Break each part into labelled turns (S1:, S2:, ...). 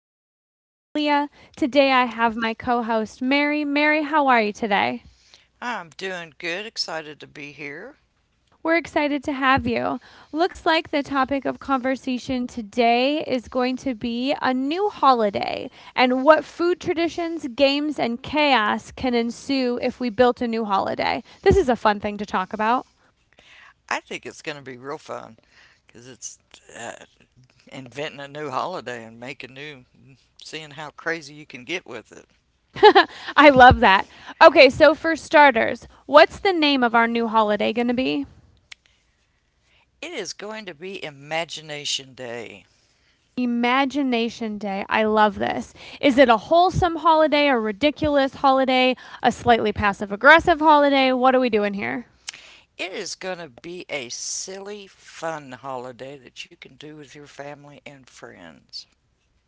S1: I'm your host, Leah. Today, I have my co host, Mary. Mary, how are you today?
S2: I'm doing good, excited to be here.
S1: We're excited to have you. Looks like the topic of conversation today is going to be a new holiday and what food traditions, games, and chaos can ensue if we built a new holiday. This is a fun thing to talk about.
S2: I think it's going to be real fun because it's uh, inventing a new holiday and making new, seeing how crazy you can get with it.
S1: I love that. Okay, so for starters, what's the name of our new holiday going to be?
S2: It is going to be Imagination Day.
S1: Imagination Day. I love this. Is it a wholesome holiday, a ridiculous holiday, a slightly passive aggressive holiday? What are we doing here?
S2: It is going to be a silly, fun holiday that you can do with your family and friends.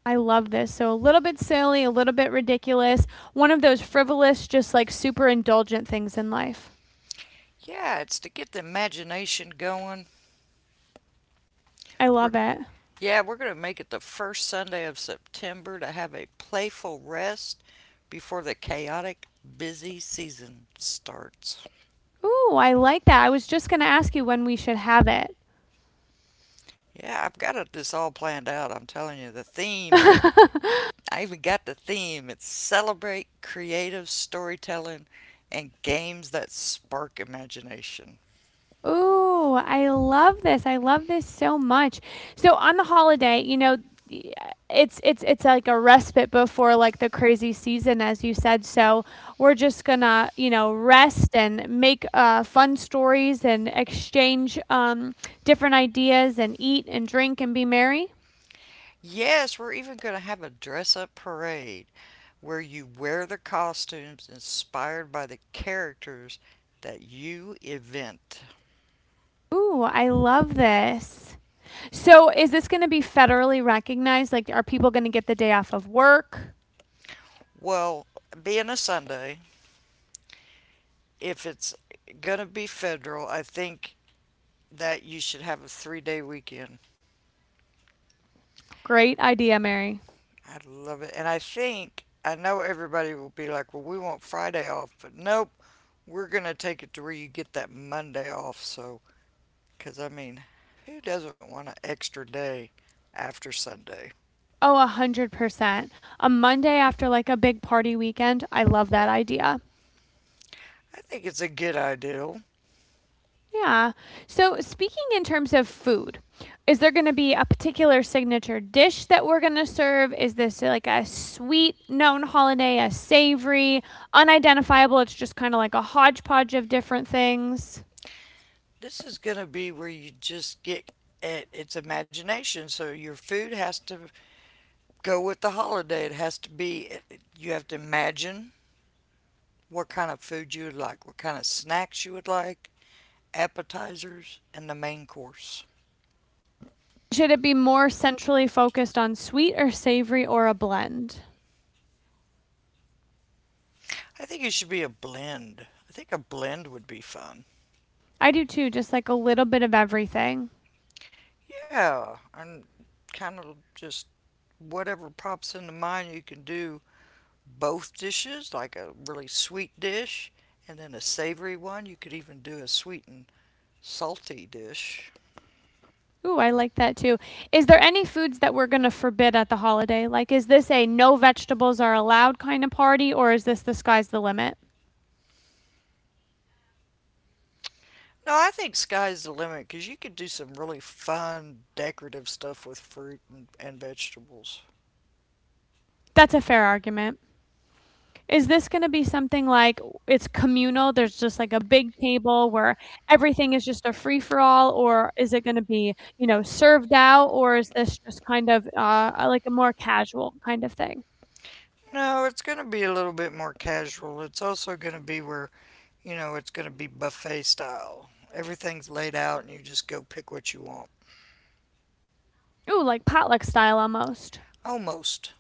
S1: I love this. So, a little bit silly, a little bit ridiculous, one of those frivolous, just like super indulgent things in life.
S2: Yeah, it's to get the imagination going.
S1: I
S2: We're
S1: love it.
S2: Yeah, we're going to make it the first Sunday of September to have a playful rest before the chaotic, busy season starts.
S1: Ooh, I like that. I was just going to ask you when we should have it.
S2: Yeah, I've got it, this all planned out. I'm telling you, the theme, I even got the theme. It's celebrate creative storytelling and games that spark imagination.
S1: Ooh, I love this. I love this so much. So on the holiday, it's like a respite before like the crazy season as you said. So we're just gonna, rest and make fun stories and exchange different ideas and eat and drink and be merry.
S2: Yes, we're even going to have a dress up parade where you wear the costumes inspired by the characters that you invent.
S1: Ooh, I love this. So is this going to be federally recognized? Like are people going to get the day off of work?
S2: Well, being a Sunday, if it's going to be federal, I think that you should have a 3-day weekend.
S1: Great idea, Mary.
S2: I would love it. And I think, I know everybody will be like, well, we want Friday off, but nope, we're going to take it to where you get that Monday off. So, because I mean, who doesn't want an extra day after Sunday?
S1: Oh, 100%. A Monday after like a big party weekend. I love that idea.
S2: I think it's a good ideal.
S1: Yeah. So, speaking in terms of food, is there going to be a particular signature dish that we're going to serve? Is this like a sweet known holiday, a savory, unidentifiable? It's just kind of like a hodgepodge of different things.
S2: This is going to be where you just it's imagination. So your food has to go with the holiday. It has to be, you have to imagine what kind of food you would like, what kind of snacks you would like, appetizers, and the main course.
S1: Should it be more centrally focused on sweet or savory or a blend?
S2: I think it should be a blend. I think a blend would be fun.
S1: I do too, just like a little bit of everything.
S2: Yeah, and kind of just whatever pops into mind, you can do both dishes, like a really sweet dish and then a savory one. You could even do a sweet and salty dish.
S1: Ooh, I like that too. Is there any foods that we're going to forbid at the holiday? Like, is this a no vegetables are allowed kind of party, or is this the sky's the limit?
S2: No, I think sky's the limit because you could do some really fun decorative stuff with fruit and vegetables.
S1: That's a fair argument. Is this going to be something like it's communal? There's just like a big table where everything is just a free for all, or is it going to be, served out, or is this just kind of like a more casual kind of thing?
S2: No, it's going to be a little bit more casual. It's also going to be where, you know, it's going to be buffet style. Everything's laid out and you just go pick what you want.
S1: Ooh, like potluck style almost.
S2: Almost.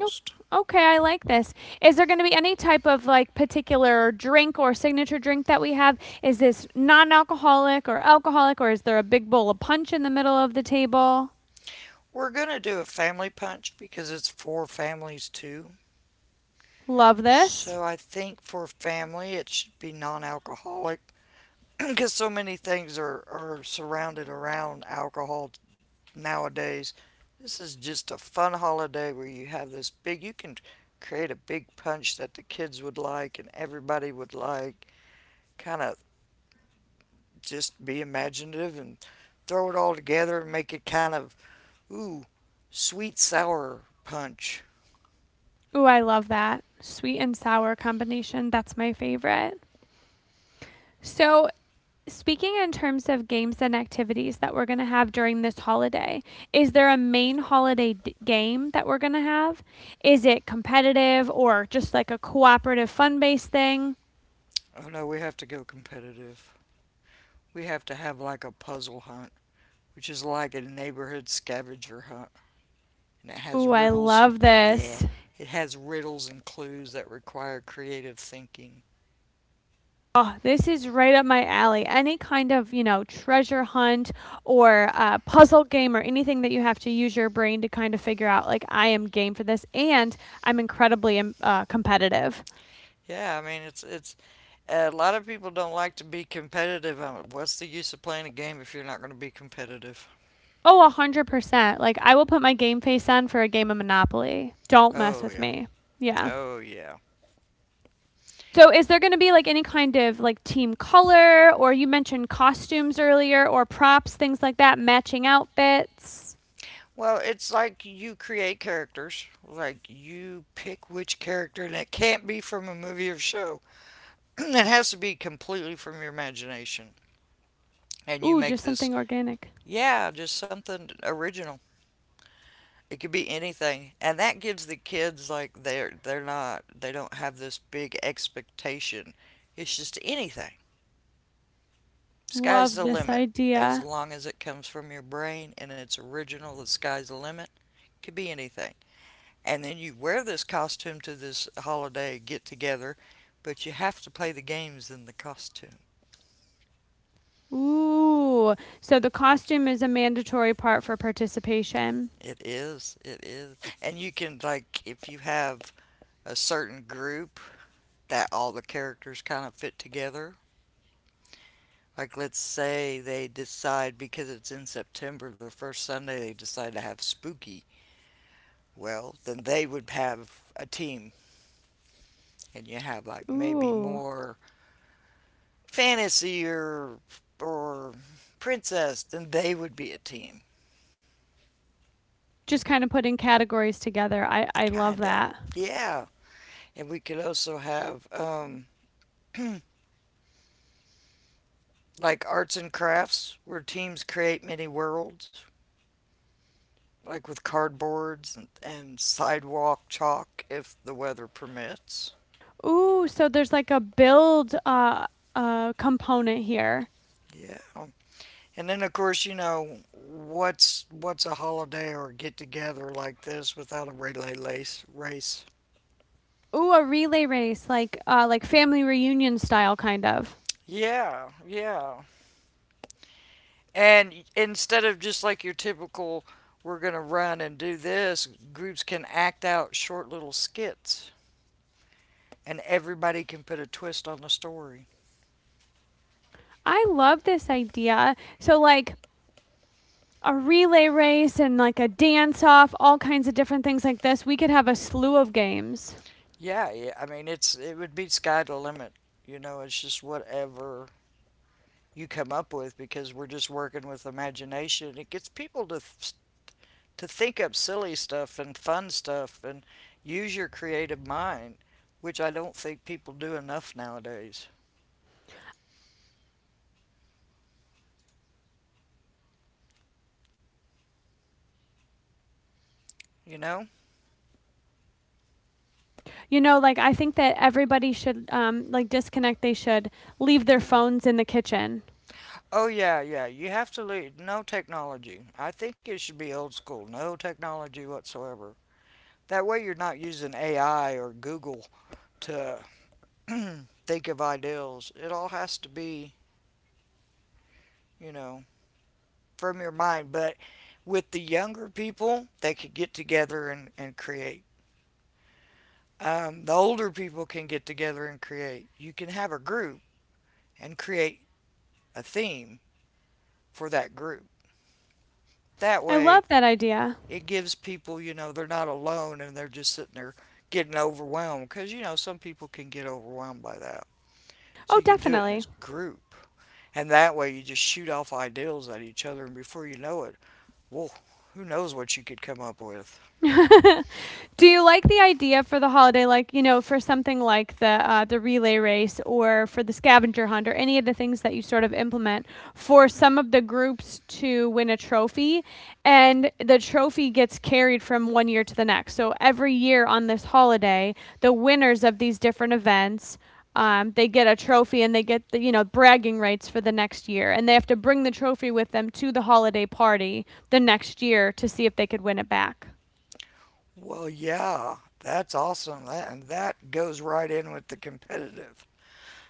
S1: Nope. Okay, I like this. Is there going to be any type of like particular drink or signature drink that we have? Is this non-alcoholic or alcoholic, or is there a big bowl of punch in the middle of the table?
S2: We're going to do a family punch because it's for families too.
S1: Love this.
S2: So I think for family, it should be non alcoholic because so many things are surrounded around alcohol nowadays. This is just a fun holiday where you have this big, you can create a big punch that the kids would like and everybody would like. Kind of just be imaginative and throw it all together and make it kind of, ooh, sweet sour punch.
S1: Ooh, I love that sweet and sour combination. That's my favorite. So. Speaking in terms of games and activities that we're going to have during this holiday, is there a main holiday game that we're going to have? Is it competitive or just like a cooperative fun based thing?
S2: Oh no, we have to go competitive. We have to have like a puzzle hunt, which is like a neighborhood scavenger hunt. And it has
S1: Ooh, I
S2: riddles.
S1: love
S2: Yeah,
S1: this.
S2: it has riddles and clues that require creative thinking.
S1: Oh, this is right up my alley. Any kind of, treasure hunt or puzzle game or anything that you have to use your brain to kind of figure out, like, I am game for this and I'm incredibly competitive.
S2: Yeah, I mean it's a lot of people don't like to be competitive. What's the use of playing a game if you're not going to be competitive?
S1: Oh, a 100%. Like, I will put my game face on for a game of Monopoly. Don't mess
S2: Oh
S1: with
S2: yeah.
S1: me. Yeah.
S2: Oh yeah.
S1: So, is there going to be like any kind of like team color or you mentioned costumes earlier or props, things like that, matching outfits?
S2: Well, it's like you create characters. Like you pick which character and it can't be from a movie or show. It has to be completely from your imagination. And you
S1: Ooh,
S2: make
S1: just
S2: this
S1: something organic.
S2: yeah, just something original. It could be anything. And that gives the kids like they don't have this big expectation. It's just anything. Sky's
S1: Love
S2: the
S1: this
S2: limit, as
S1: idea.
S2: long as it comes from your brain and it's original. The sky's the limit. Could be anything. And then you wear this costume to this holiday get together, but you have to play the games in the costume.
S1: Ooh, so the costume is a mandatory part for participation.
S2: It is, it is. And you can, like if you have a certain group that all the characters kind of fit together, like let's say they decide, because it's in September the first Sunday, they decide to have spooky, well then they would have a team. And you have like maybe
S1: Ooh,
S2: more fantasy or princess, then they would be a team,
S1: just kinda putting categories together. I love
S2: kinda.
S1: that.
S2: Yeah, and we could also have like arts and crafts where teams create many worlds, like with cardboards and sidewalk chalk if the weather permits.
S1: Ooh, so there's like a build, component here.
S2: Yeah. And then of course, you know, what's a holiday or get together like this without a relay lace race?
S1: Ooh, a relay race, like family reunion style kind of.
S2: Yeah, yeah. And instead of just like your typical, we're going to run and do this, groups can act out short little skits and everybody can put a twist on the story.
S1: I love this idea. So, like, a relay race and like a dance off, all kinds of different things like this. We could have a slew of games.
S2: Yeah, yeah. I mean, it would be sky to limit. You know, it's just whatever you come up with because we're just working with imagination. It gets people to to think up silly stuff and fun stuff and use your creative mind, which I don't think people do enough nowadays. You know?
S1: Like I think that everybody should like disconnect. They should leave their
S2: Yeah.
S1: phones in the kitchen.
S2: Oh yeah, yeah. You have to leave no technology. I think it should be old school. No technology whatsoever. That way you're not using AI or Google to think of ideals. It all has to be, you know, from your mind. But with the younger people, they could get together and create. The older people can get together and create. You can have a group and create a theme for that group. That
S1: I love
S2: way
S1: that idea.
S2: it gives people, you know, they're not alone and they're just sitting there getting overwhelmed because, you know, some people can get overwhelmed by that.
S1: Oh,
S2: So you can do it in
S1: definitely.
S2: this group. And that way you just shoot off ideals at each other and before you know it, whoa, who knows what you could come up with.
S1: Do you like the idea for the holiday, like for something like the relay race or for the scavenger hunt or any of the things that you sort of implement for some of the groups to win a trophy, and the trophy gets carried from one year to the next. So every year on this holiday, the winners of these different events. They get a trophy and they get the bragging rights for the next year and they have to bring the trophy with them to the holiday party the next year to see if they could win it back.
S2: Well, yeah, that's awesome. That and that goes right in with the competitive.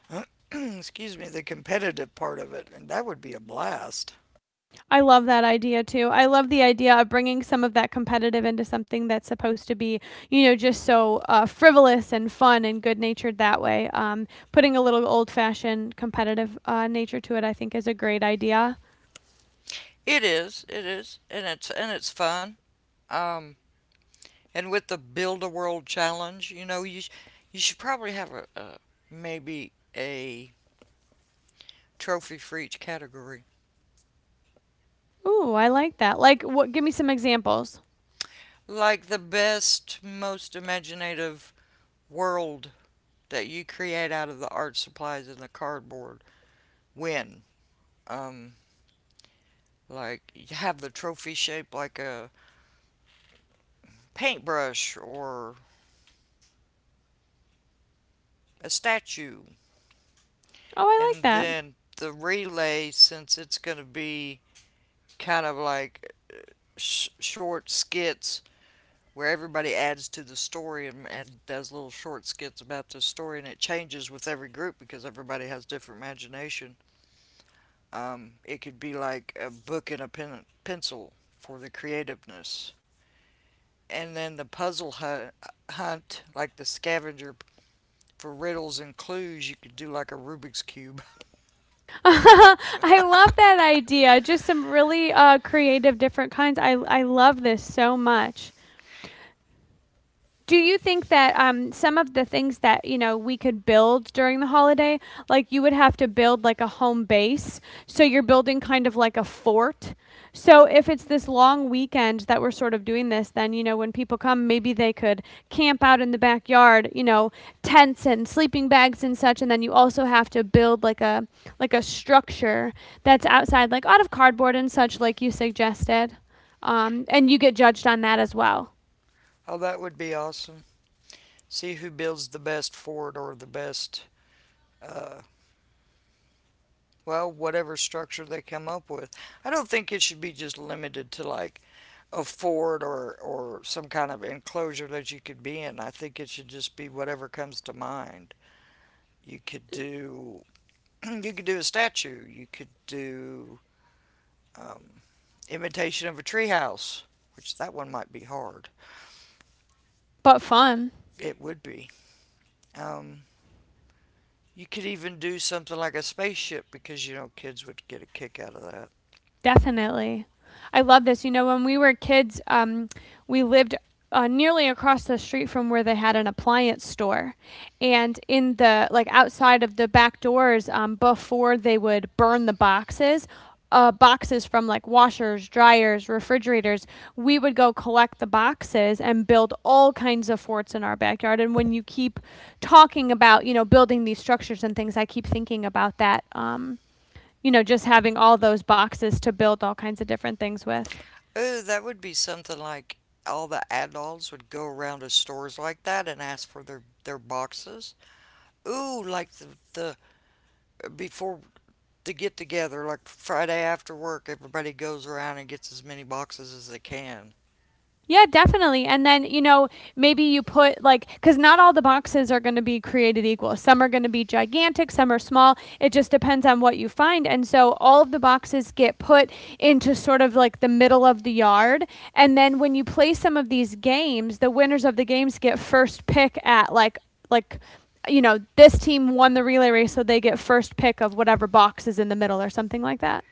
S2: Excuse me, the competitive part of it, and that would be a blast.
S1: I love that idea too. I love the idea of bringing some of that competitive into something that's supposed to be, just so frivolous and fun and good natured that way. Putting a little old fashioned competitive nature to it, I think, is a great idea.
S2: It is, and it's fun. Um, And with the Build a World Challenge, you know, you should probably have a maybe a trophy for each category,
S1: Ooh, I like that. Like, what? Give me some examples.
S2: like the best, most imaginative world that you create out of the art supplies and the cardboard win. Um, like you have the trophy shaped like a paintbrush or a statue.
S1: Oh, I
S2: And
S1: like that.
S2: then the relay, since it's going to be kind of like short skits where everybody adds to the story and does little short skits about the story, and it changes with every group because everybody has different imagination. It could be like a book and a pen, pencil for the creativeness. And then the puzzle hunt, like the scavenger for riddles and clues, you could do like a Rubik's Cube.
S1: I love that idea. Just some really creative, different kinds. I love this so much. Do you think that some of the things that we could build during the holiday, like you would have to build like a home base, so you're building kind of like a fort. So if it's this long weekend that we're sort of doing this, then when people come, maybe they could camp out in the backyard, tents and sleeping bags and such. And then you also have to build like a structure that's outside, like out of cardboard and such, like you suggested, and you get judged on that as well.
S2: Oh, that would be awesome. See who builds the best fort or the best uh, well, whatever structure they come up with. I don't think it should be just limited to like a fort or some kind of enclosure that you could be in. I think it should just be whatever comes to mind. You could do you could do a statue. You could do um, imitation of a treehouse, which that one might be hard.
S1: But fun.
S2: It would be. Um, you could even do something like a spaceship because you know kids would get a kick out of that.
S1: Definitely. I love this. When we were kids, we lived nearly across the street from where they had an appliance store. And in the, like, outside of the back doors, before they would burn the boxes, boxes from like washers, dryers, refrigerators, we would go collect the boxes and build all kinds of forts in our backyard. And when you keep talking about, building these structures and things, I keep thinking about that. Just having all those boxes to build all kinds of different things with.
S2: Oh, that would be something like all the adults would go around to stores like that and ask for their boxes. Ooh, like the before the get together, like Friday after work, everybody goes around and gets as many boxes as they can.
S1: Yeah, definitely. And then, maybe you put like, because not all the boxes are going to be created equal. Some are going to be gigantic, some are small. It just depends on what you find. And so all of the boxes get put into sort of like the middle of the yard. And then when you play some of these games, the winners of the games get first pick at like, like, this team won the relay race, so they get first pick of whatever box is in the middle or something like that.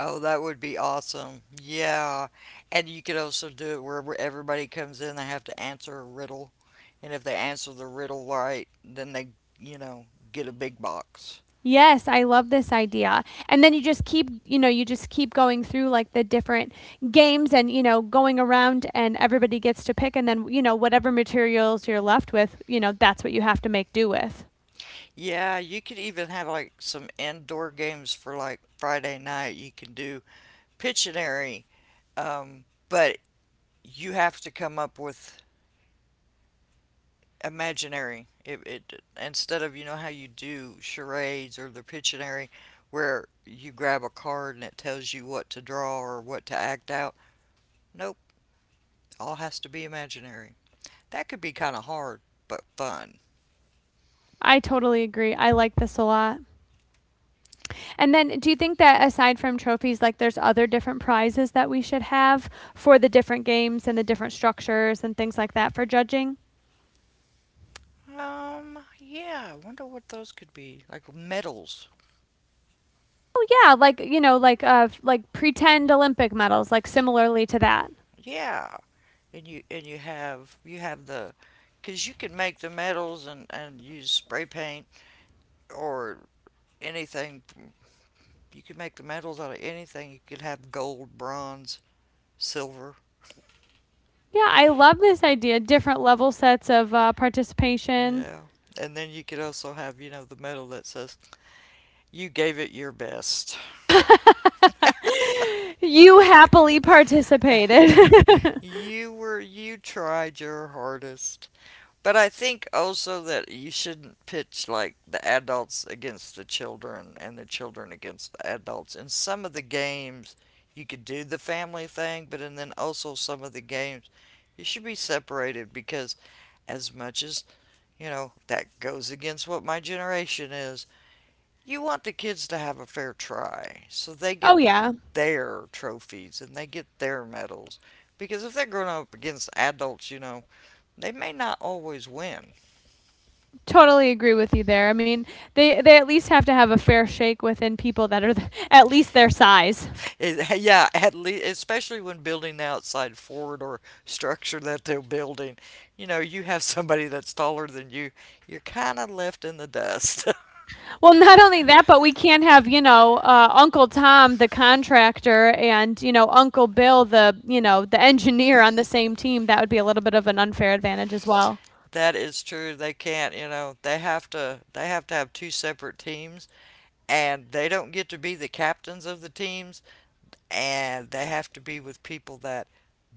S2: Oh, that would be awesome. Yeah. And you could also do it where everybody comes in, they have to answer a riddle. And if they answer the riddle right, then they, you know, get a big box.
S1: Yes, I love this idea. And then you just keep going through like the different games and, going around and everybody gets to pick. And then, whatever materials you're left with, that's what you have to make do with.
S2: Yeah, you could even have like some indoor games for like Friday night. You can do Pictionary, but you have to come up with imaginary. It Instead of you know how you do charades or the Pictionary, where you grab a card and it tells you what to draw or what to act out. Nope, all has to be imaginary. That could be kind of hard, but fun.
S1: I totally agree. I like this a lot. And then do you think that aside from trophies, like there's other different prizes that we should have for the different games and the different structures and things like that for judging?
S2: Yeah, I wonder what those could be. Like medals.
S1: Oh yeah, like pretend Olympic medals, like similarly to that.
S2: Yeah, and you have the, because you can make the metals and use spray paint or anything. You can make the metals out of anything. You could have gold, bronze, silver.
S1: Yeah, I love this idea. Different level sets of participation.
S2: Yeah. And then you could also have, you know, the medal that says, You gave it your best.
S1: You happily participated.
S2: you were, you tried your hardest. But I think also that you shouldn't pitch like the adults against the children and the children against the adults. In some of the games, you could do the family thing, but and then also some of the games, you should be separated because as much as you know that goes against what my generation is, you want the kids to have a fair try, so they get
S1: Oh yeah,
S2: their trophies and they get their medals. Because if they're growing up against adults, you know, they may not always win.
S1: totally agree with you there. I mean, they at least have to have a fair shake within people that are at least their size.
S2: It, yeah, at least, especially when building the outside forward or structure that they're building, you know, you have somebody that's taller than you, you're kind of left in the dust.
S1: Well, not only that, but we can't have Uncle Tom the contractor and Uncle Bill the you know the engineer on the same team. That would be a little bit of an unfair advantage as well.
S2: That is true. They can't, you know, they have to have two separate teams and they don't get to be the captains of the teams and they have to be with people that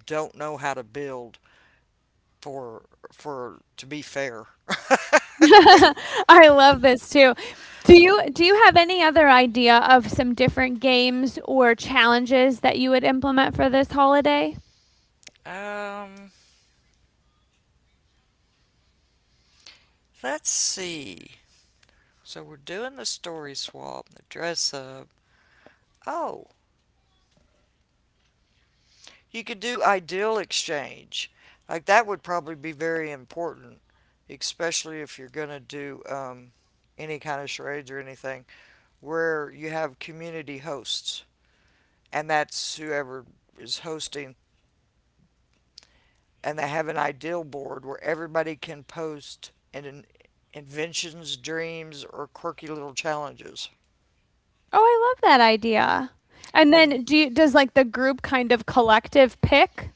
S2: don't know how to build for for to be fair.
S1: I love this too. Do you have any other idea of some different games or challenges that you would implement for this holiday?
S2: Um, let's see. So we're doing the story swap, the dress up. Oh, you could do ideal exchange. Like that would probably be very important, especially if you're going to do any kind of charades or anything where you have community hosts, and that's whoever is hosting, and they have an ideal board where everybody can post in, inventions, dreams, or quirky little challenges.
S1: Oh, I love that idea. And
S2: And
S1: then do you does like the group kind of collective pick?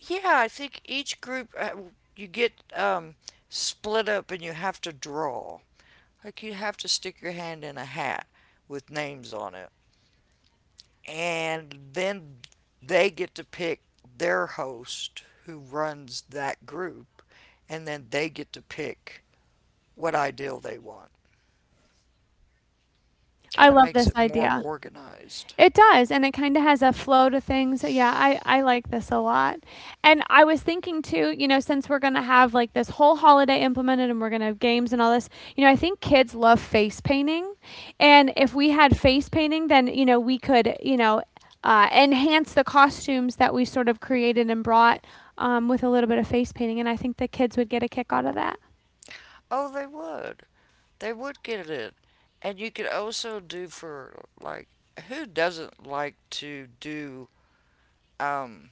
S2: yeah, I think each group you get split up and you have to draw. Like you have to stick your hand in a hat with names on it. And then they get to pick their host who runs that group. And then they get to pick what ideal they want. Kind
S1: I
S2: of
S1: love
S2: makes
S1: this
S2: it more
S1: idea.
S2: organized.
S1: It does, and it kind of has a flow to things. Yeah, I like this a lot. And I was thinking too, since we're going to have like this whole holiday implemented and we're going to have games and all this, I think kids love face painting. And if we had face painting, then, we could, enhance the costumes that we sort of created and brought with a little bit of face painting. And I think the kids would get a kick out of that.
S2: Oh, they would. They would get it. And you could also do for like who doesn't like to do um,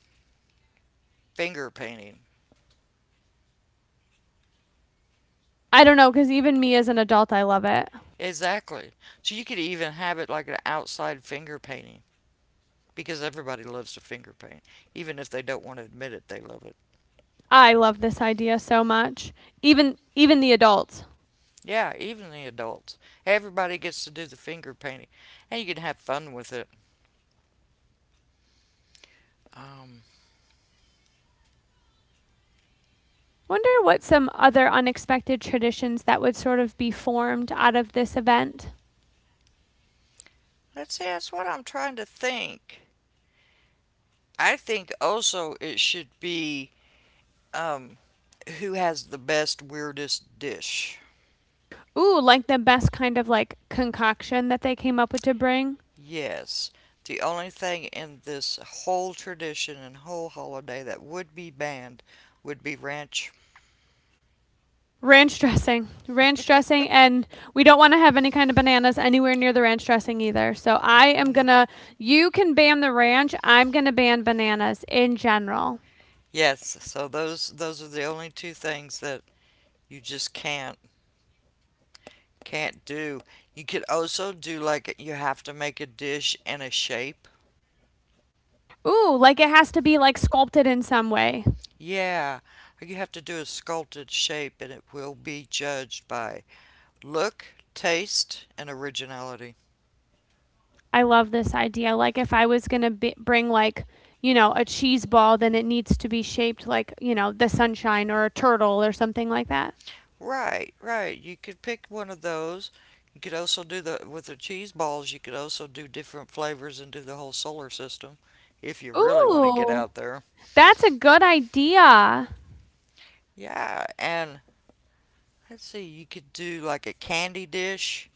S2: finger painting.
S1: I don't know, because even me as an adult, I love it.
S2: Exactly. So you could even have it like an outside finger painting because everybody loves to finger paint. Even if they don't want to admit it, they love it.
S1: I love this idea so much. Even the adults.
S2: Yeah, even the adults. Everybody gets to do the finger painting and you can have fun with it. Um,
S1: Wonder what some other unexpected traditions that would sort of be formed out of this event.
S2: let's see, that's what I'm trying to think. I think also it should be um, who has the best, weirdest dish.
S1: Ooh, like the best kind of like concoction that they came up with to bring.
S2: Yes. The only thing in this whole tradition and whole holiday that would be banned would be ranch.
S1: Ranch dressing. Ranch dressing, and we don't want to have any kind of bananas anywhere near the ranch dressing either. So I am going to, you can ban the ranch, I'm going to ban bananas in general.
S2: Yes, so those are the only two things that you just can't do. You could also do like you have to make a dish in a shape.
S1: Ooh, like it has to be like sculpted in some way.
S2: Yeah, you have to do a sculpted shape and it will be judged by look, taste, and originality.
S1: I love this idea. Like if I was going to bring like, a cheese ball, then it needs to be shaped like, you know, the sunshine or a turtle or something like that.
S2: Right, right. You could pick one of those. You could also do the with the cheese balls. You could also do different flavors and do the whole solar system, if you really want to get
S1: Ooh,
S2: out there.
S1: that's a good idea.
S2: Yeah, and let's see. You could do like a candy dish.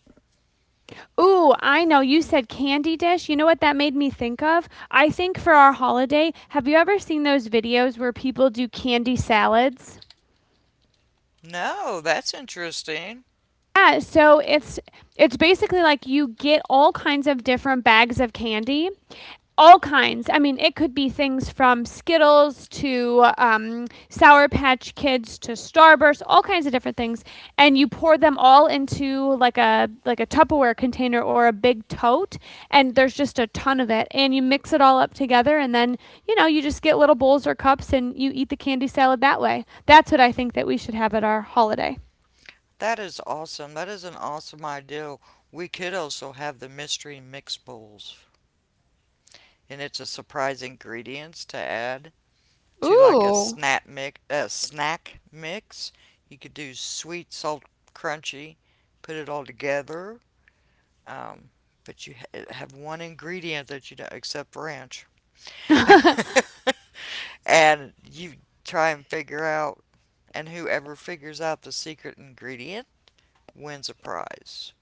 S1: Ooh, I know you said candy dish. You know what that made me think of? I think for our holiday, have you ever seen those videos where people do candy salads?
S2: No, that's interesting.
S1: Yeah, so it's basically like you get all kinds of different bags of candy, all kinds. I mean, it could be things from Skittles to Sour Patch Kids to Starburst, all kinds of different things. And you pour them all into like a Tupperware container or a big tote, and there's just a ton of it. And you mix it all up together, and then you just get little bowls or cups, and you eat the candy salad that way. That's what I think that we should have at our holiday.
S2: That is awesome. That is an awesome idea. We could also have the mystery mix bowls, and it's a surprise ingredients to add to like a
S1: Ooh.
S2: snack mix, a snack mix. You could do sweet, salt, crunchy, put it all together. Um, but you have one ingredient that you don't, except ranch, and you try and figure out. And whoever figures out the secret ingredient wins a prize.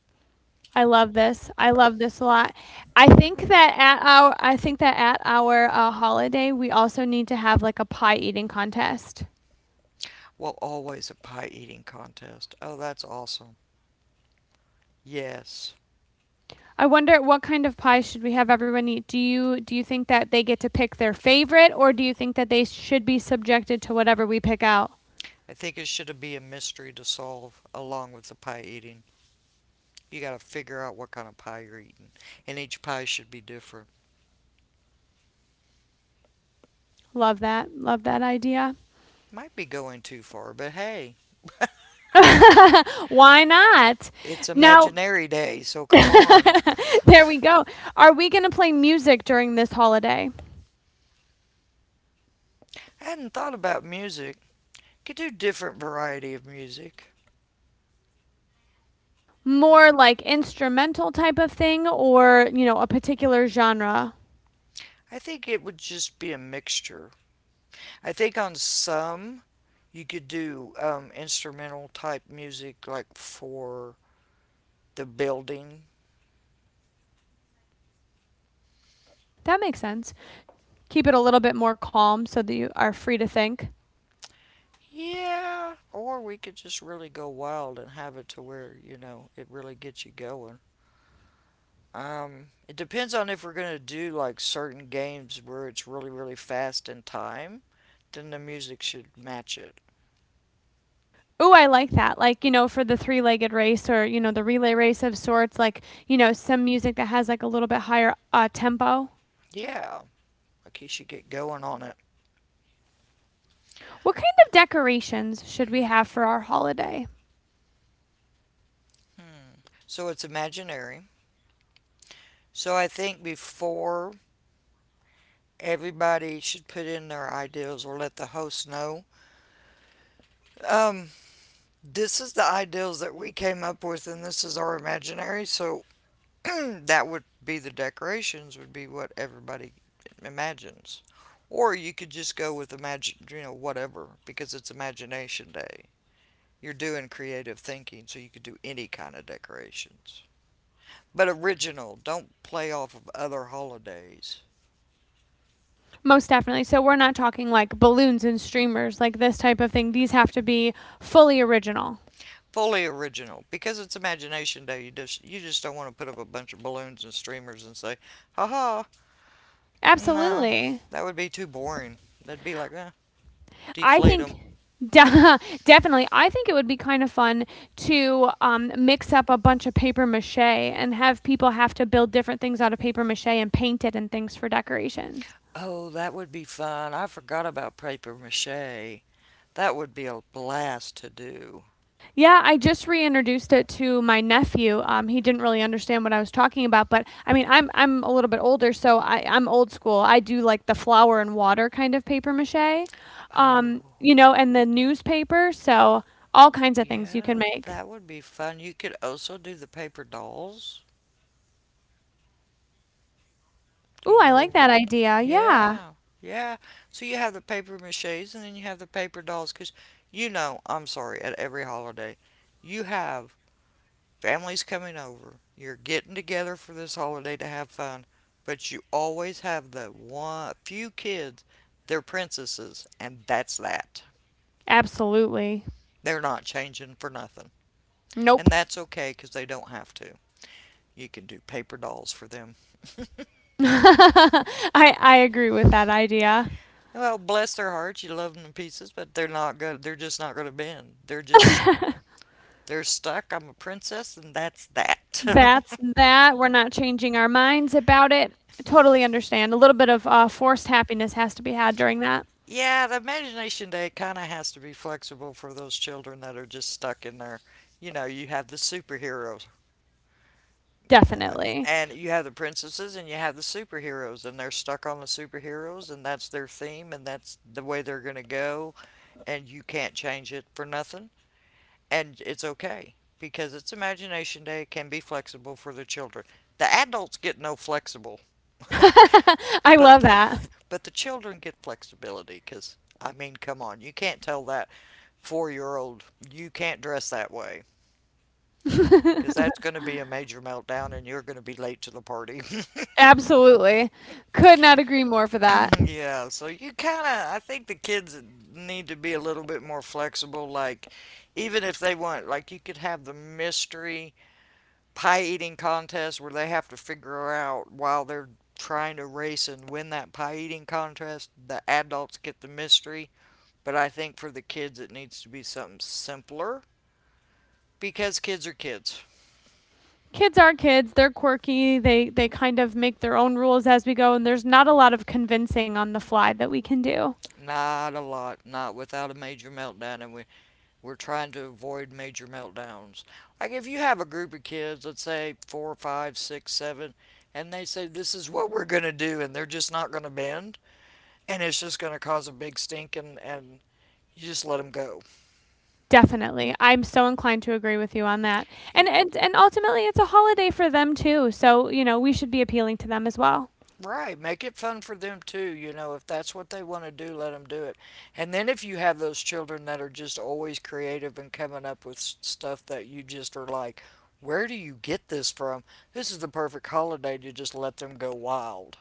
S1: I love this. I love this a lot. I think that at our, holiday, we also need to have, like, a pie eating contest.
S2: Well, always a pie eating contest. Oh, that's awesome. Yes.
S1: I wonder what kind of pie should we have everyone eat? Do you think that they get to pick their favorite, or do you think that they should be subjected to whatever we pick out?
S2: I think it should be a mystery to solve along with the pie eating. You got to figure out what kind of pie you're eating, and each pie should be different.
S1: Love that. Love that idea.
S2: Might be going too far, but hey,
S1: Why not?
S2: it's
S1: Now
S2: Imaginary Day, so come on.
S1: there we go. Are we gonna play music during this holiday?
S2: I hadn't thought about music. Could do different variety of music.
S1: More like instrumental type of thing or, you know, a particular genre.
S2: I think it would just be a mixture. I think on some you could do instrumental type music, like for the building.
S1: That makes sense. Keep it a little bit more calm so that you are free to think.
S2: Yeah, or we could just really go wild and have it to where you know it really gets you going. It depends on if we're gonna do like certain games where it's really really fast in time. Then the music should match it.
S1: Ooh, I like that. Like, you know, for the three legged race or, you know, the relay race of sorts, like, you know, some music that has like a little bit higher tempo.
S2: Yeah, like you should get going on it.
S1: What kind of decorations should we have for our holiday?
S2: Hmm. So it's imaginary. So I think before everybody should put in their ideals or let the host know. Um, this is the ideals that we came up with, and this is our imaginary. So that would be the decorations would be what everybody imagines, or you could just go with imagine, you know, whatever, because it's imagination day. You're doing creative thinking, so you could do any kind of decorations, but original, don't play off of other holidays.
S1: Most definitely. So we're not talking like balloons and streamers, like this type of thing. These have to be fully original.
S2: Fully original, because it's imagination day. You just you just don't want to put up a bunch of balloons and streamers and say "Ha ha!" Nah,
S1: Absolutely.
S2: that would be too boring. They'd be like, eh,
S1: I
S2: deflate
S1: think
S2: them.
S1: de- definitely. I think it would be kind of fun to mix up a bunch of paper mache and have people have to build different things out of paper mache and paint it and things for decorations.
S2: Oh, that would be fun. I forgot about paper mache. That would be a blast to do.
S1: Yeah, I just reintroduced it to my nephew. He didn't really understand what I was talking about, but I mean, I'm a little bit older, so I'm old school. I do like the flour and water kind of paper mache,
S2: Oh,
S1: you know, and the newspaper. So all kinds of things you can
S2: yeah,
S1: make.
S2: that would be fun. You could also do the paper dolls. Do
S1: Ooh,
S2: you
S1: I like
S2: know?
S1: that idea. Yeah.
S2: Yeah, yeah. So you have the paper mache's and then you have the paper dolls because, you know, I'm sorry, at every holiday, you have family's coming over. You're getting together for this holiday to have fun, but you always have the one few kids. They're princesses, and that's that.
S1: Absolutely.
S2: They're not changing for nothing,
S1: Nope.
S2: and that's okay because they don't have to. You can do paper dolls for them.
S1: I agree with that idea.
S2: Well, bless their hearts, you love them in pieces, but they're not going to. They're just not going to bend. They're just they're stuck. I'm a princess, and that's that.
S1: That's that. We're not changing our minds about it. I totally understand. A little bit of forced happiness has to be had during that.
S2: Yeah, the imagination day kind of has to be flexible for those children that are just stuck in there. You know, you have the superheroes, uh,
S1: Definitely.
S2: and you have the princesses, and you have the superheroes, and they're stuck on the superheroes, and that's their theme, and that's the way they're going to go, and you can't change it for nothing. And it's okay because it's Imagination Day, it can be flexible for the children. The adults get no flexible,
S1: I
S2: but
S1: love
S2: the,
S1: that.
S2: but the children get flexibility because, I mean, come on, you can't tell that 4 year old, you can't dress that way because that's going to be a major meltdown and you're going to be late to the party.
S1: Absolutely. Could not agree more for that.
S2: Yeah, so you kind of, I think the kids need to be a little bit more flexible. Like, even if they want, like, you could have the mystery pie eating contest where they have to figure out while they're trying to race and win that pie eating contest. The adults get the mystery, but I think for the kids it needs to be something simpler because kids are kids.
S1: Kids are kids. They're quirky. They kind of make their own rules as we go and there's not a lot of convincing on the fly that we can do.
S2: Not a lot, not without a major meltdown, and we're trying to avoid major meltdowns. Like if you have a group of kids, let's say four, five, six, seven, and they say this is what we're going to do, and they're just not going to bend, and it's just going to cause a big stink, and you just let them go.
S1: Definitely. I'm so inclined to agree with you on that. And
S2: Y-
S1: and and ultimately it's a holiday for them too. So, you know, we should be appealing to them as well.
S2: Right, make it fun for them too, you know, if that's what they want to do, let them do it. And then if you have those children that are just always creative and coming up with stuff that you just are like, where do you get this from? This is the perfect holiday to just let them go wild.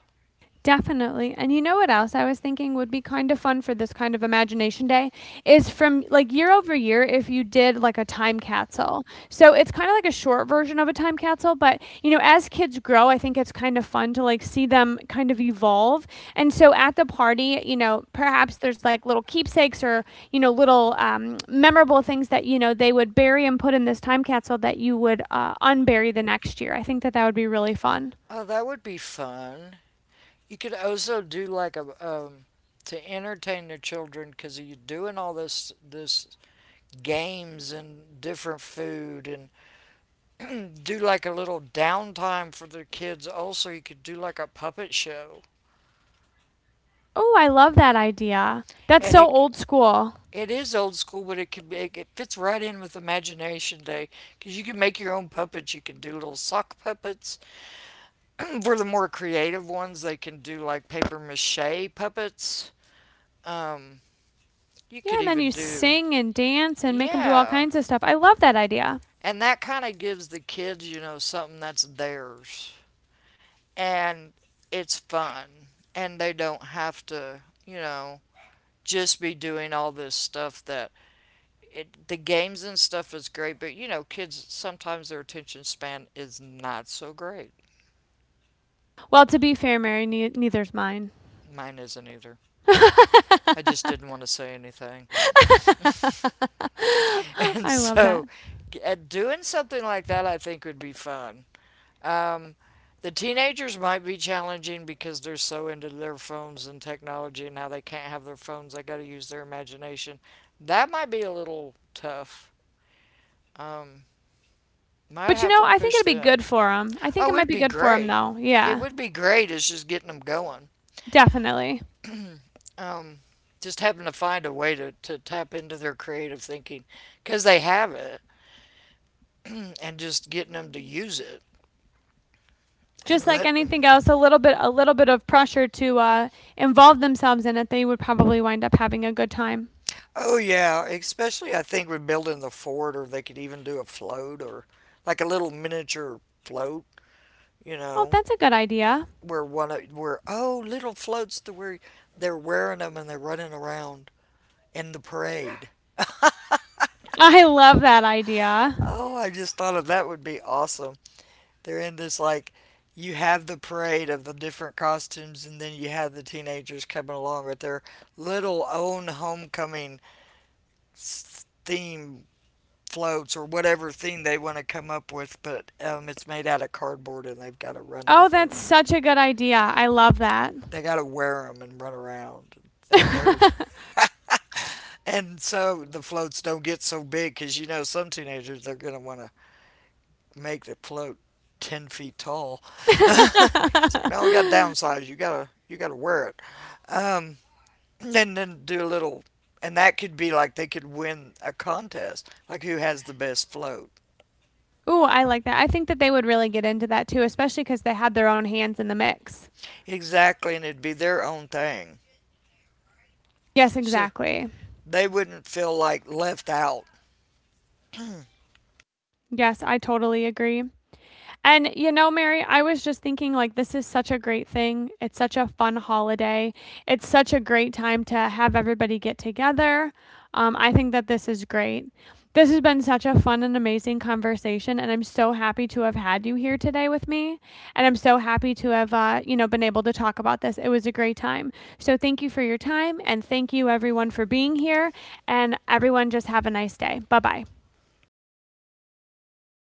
S1: Definitely. And you know what else I was thinking would be kind of fun for this kind of imagination day is from like year over year if you did like a time capsule. So it's kind of like a short version of a time capsule, but you know, as kids grow, I think it's kind of fun to like see them kind of evolve. And so at the party, you know, perhaps there's like little keepsakes or, you know, little memorable things that, you know, they would bury and put in this time capsule that you would unbury the next year. I think that that would be really fun.
S2: Oh, that would be fun. You could also do like a to entertain the children because you're doing all this games and different food and do like a little downtime for the kids. Also, you could do like a puppet show,
S1: Oh, I love that idea. That's
S2: and
S1: so
S2: it
S1: old school.
S2: it is old school, but it can be, it fits right in with Imagination Day because you can make your own puppets. You can do little sock puppets. For the more creative ones, they can do like paper mache puppets. Um, you
S1: Yeah,
S2: could
S1: and then
S2: even
S1: you
S2: do
S1: sing and dance and make them do all
S2: yeah,
S1: kinds of stuff. I love that idea.
S2: and that kind of gives the kids, you know, something that's theirs, and it's fun, and they don't have to, you know, just be doing all this stuff that it, the games and stuff is great, but you know, kids sometimes their attention span is not so great.
S1: Well, to be fair, Mary, neither's mine.
S2: Mine isn't either. I just didn't want to say anything. And
S1: I love that.
S2: so doing something like that I think would be fun. Um, the teenagers might be challenging because they're so into their phones and technology and now they can't have their phones. They got to use their imagination. That might be a little tough. Um, might
S1: But you
S2: have
S1: know,
S2: to
S1: I think
S2: push
S1: it'd be good
S2: them.
S1: for them. I think
S2: Oh,
S1: it might
S2: it'd
S1: be
S2: be
S1: good for them
S2: great.
S1: though.
S2: It
S1: Yeah,
S2: would be great is just getting them going.
S1: definitely.
S2: Um, just having to find a way to tap into their creative thinking because they have it and just getting them to use it
S1: Just
S2: and
S1: like
S2: let them.
S1: anything else, a little bit of pressure to involve themselves in it, they would probably wind up having a good time.
S2: Oh, yeah. Especially, I think, with building the fort or they could even do a float or like a little miniature float, you
S1: Oh,
S2: know,
S1: that's a good idea.
S2: where one, where, oh, little floats to where they're wearing them and they're running around in the parade.
S1: I love that idea.
S2: Oh, I just thought of that would be awesome. They're in this like you have the parade of the different costumes and then you have the teenagers coming along with their little own homecoming theme floats or whatever theme they want to come up with but it's made out of cardboard and they've got to run
S1: Oh,
S2: with it.
S1: that's such a good idea. I love that.
S2: They got to wear them and run around and they're and so the floats don't get so big because you know some teenagers they're going to want to make the float 10 feet tall. It's like no, we got to downsize. You gotta wear it. Um, and then do a little, and that could be like they could win a contest, like who has the best float.
S1: Ooh, I like that. I think that they would really get into that too, especially because they had their own hands in the mix.
S2: Exactly, and it'd be their own thing.
S1: Yes,
S2: So
S1: exactly.
S2: they wouldn't feel like left out
S1: Yes, I totally agree. And you know, Mary, I was just thinking like this is such a great thing. It's such a fun holiday. It's such a great time to have everybody get together. I think that this is great. This has been such a fun and amazing conversation, and I'm so happy to have had you here today with me. And I'm so happy to have, you know, been able to talk about this. It was a great time. So thank you for your time, and thank you everyone for being here. And everyone, just have a nice day. Bye bye.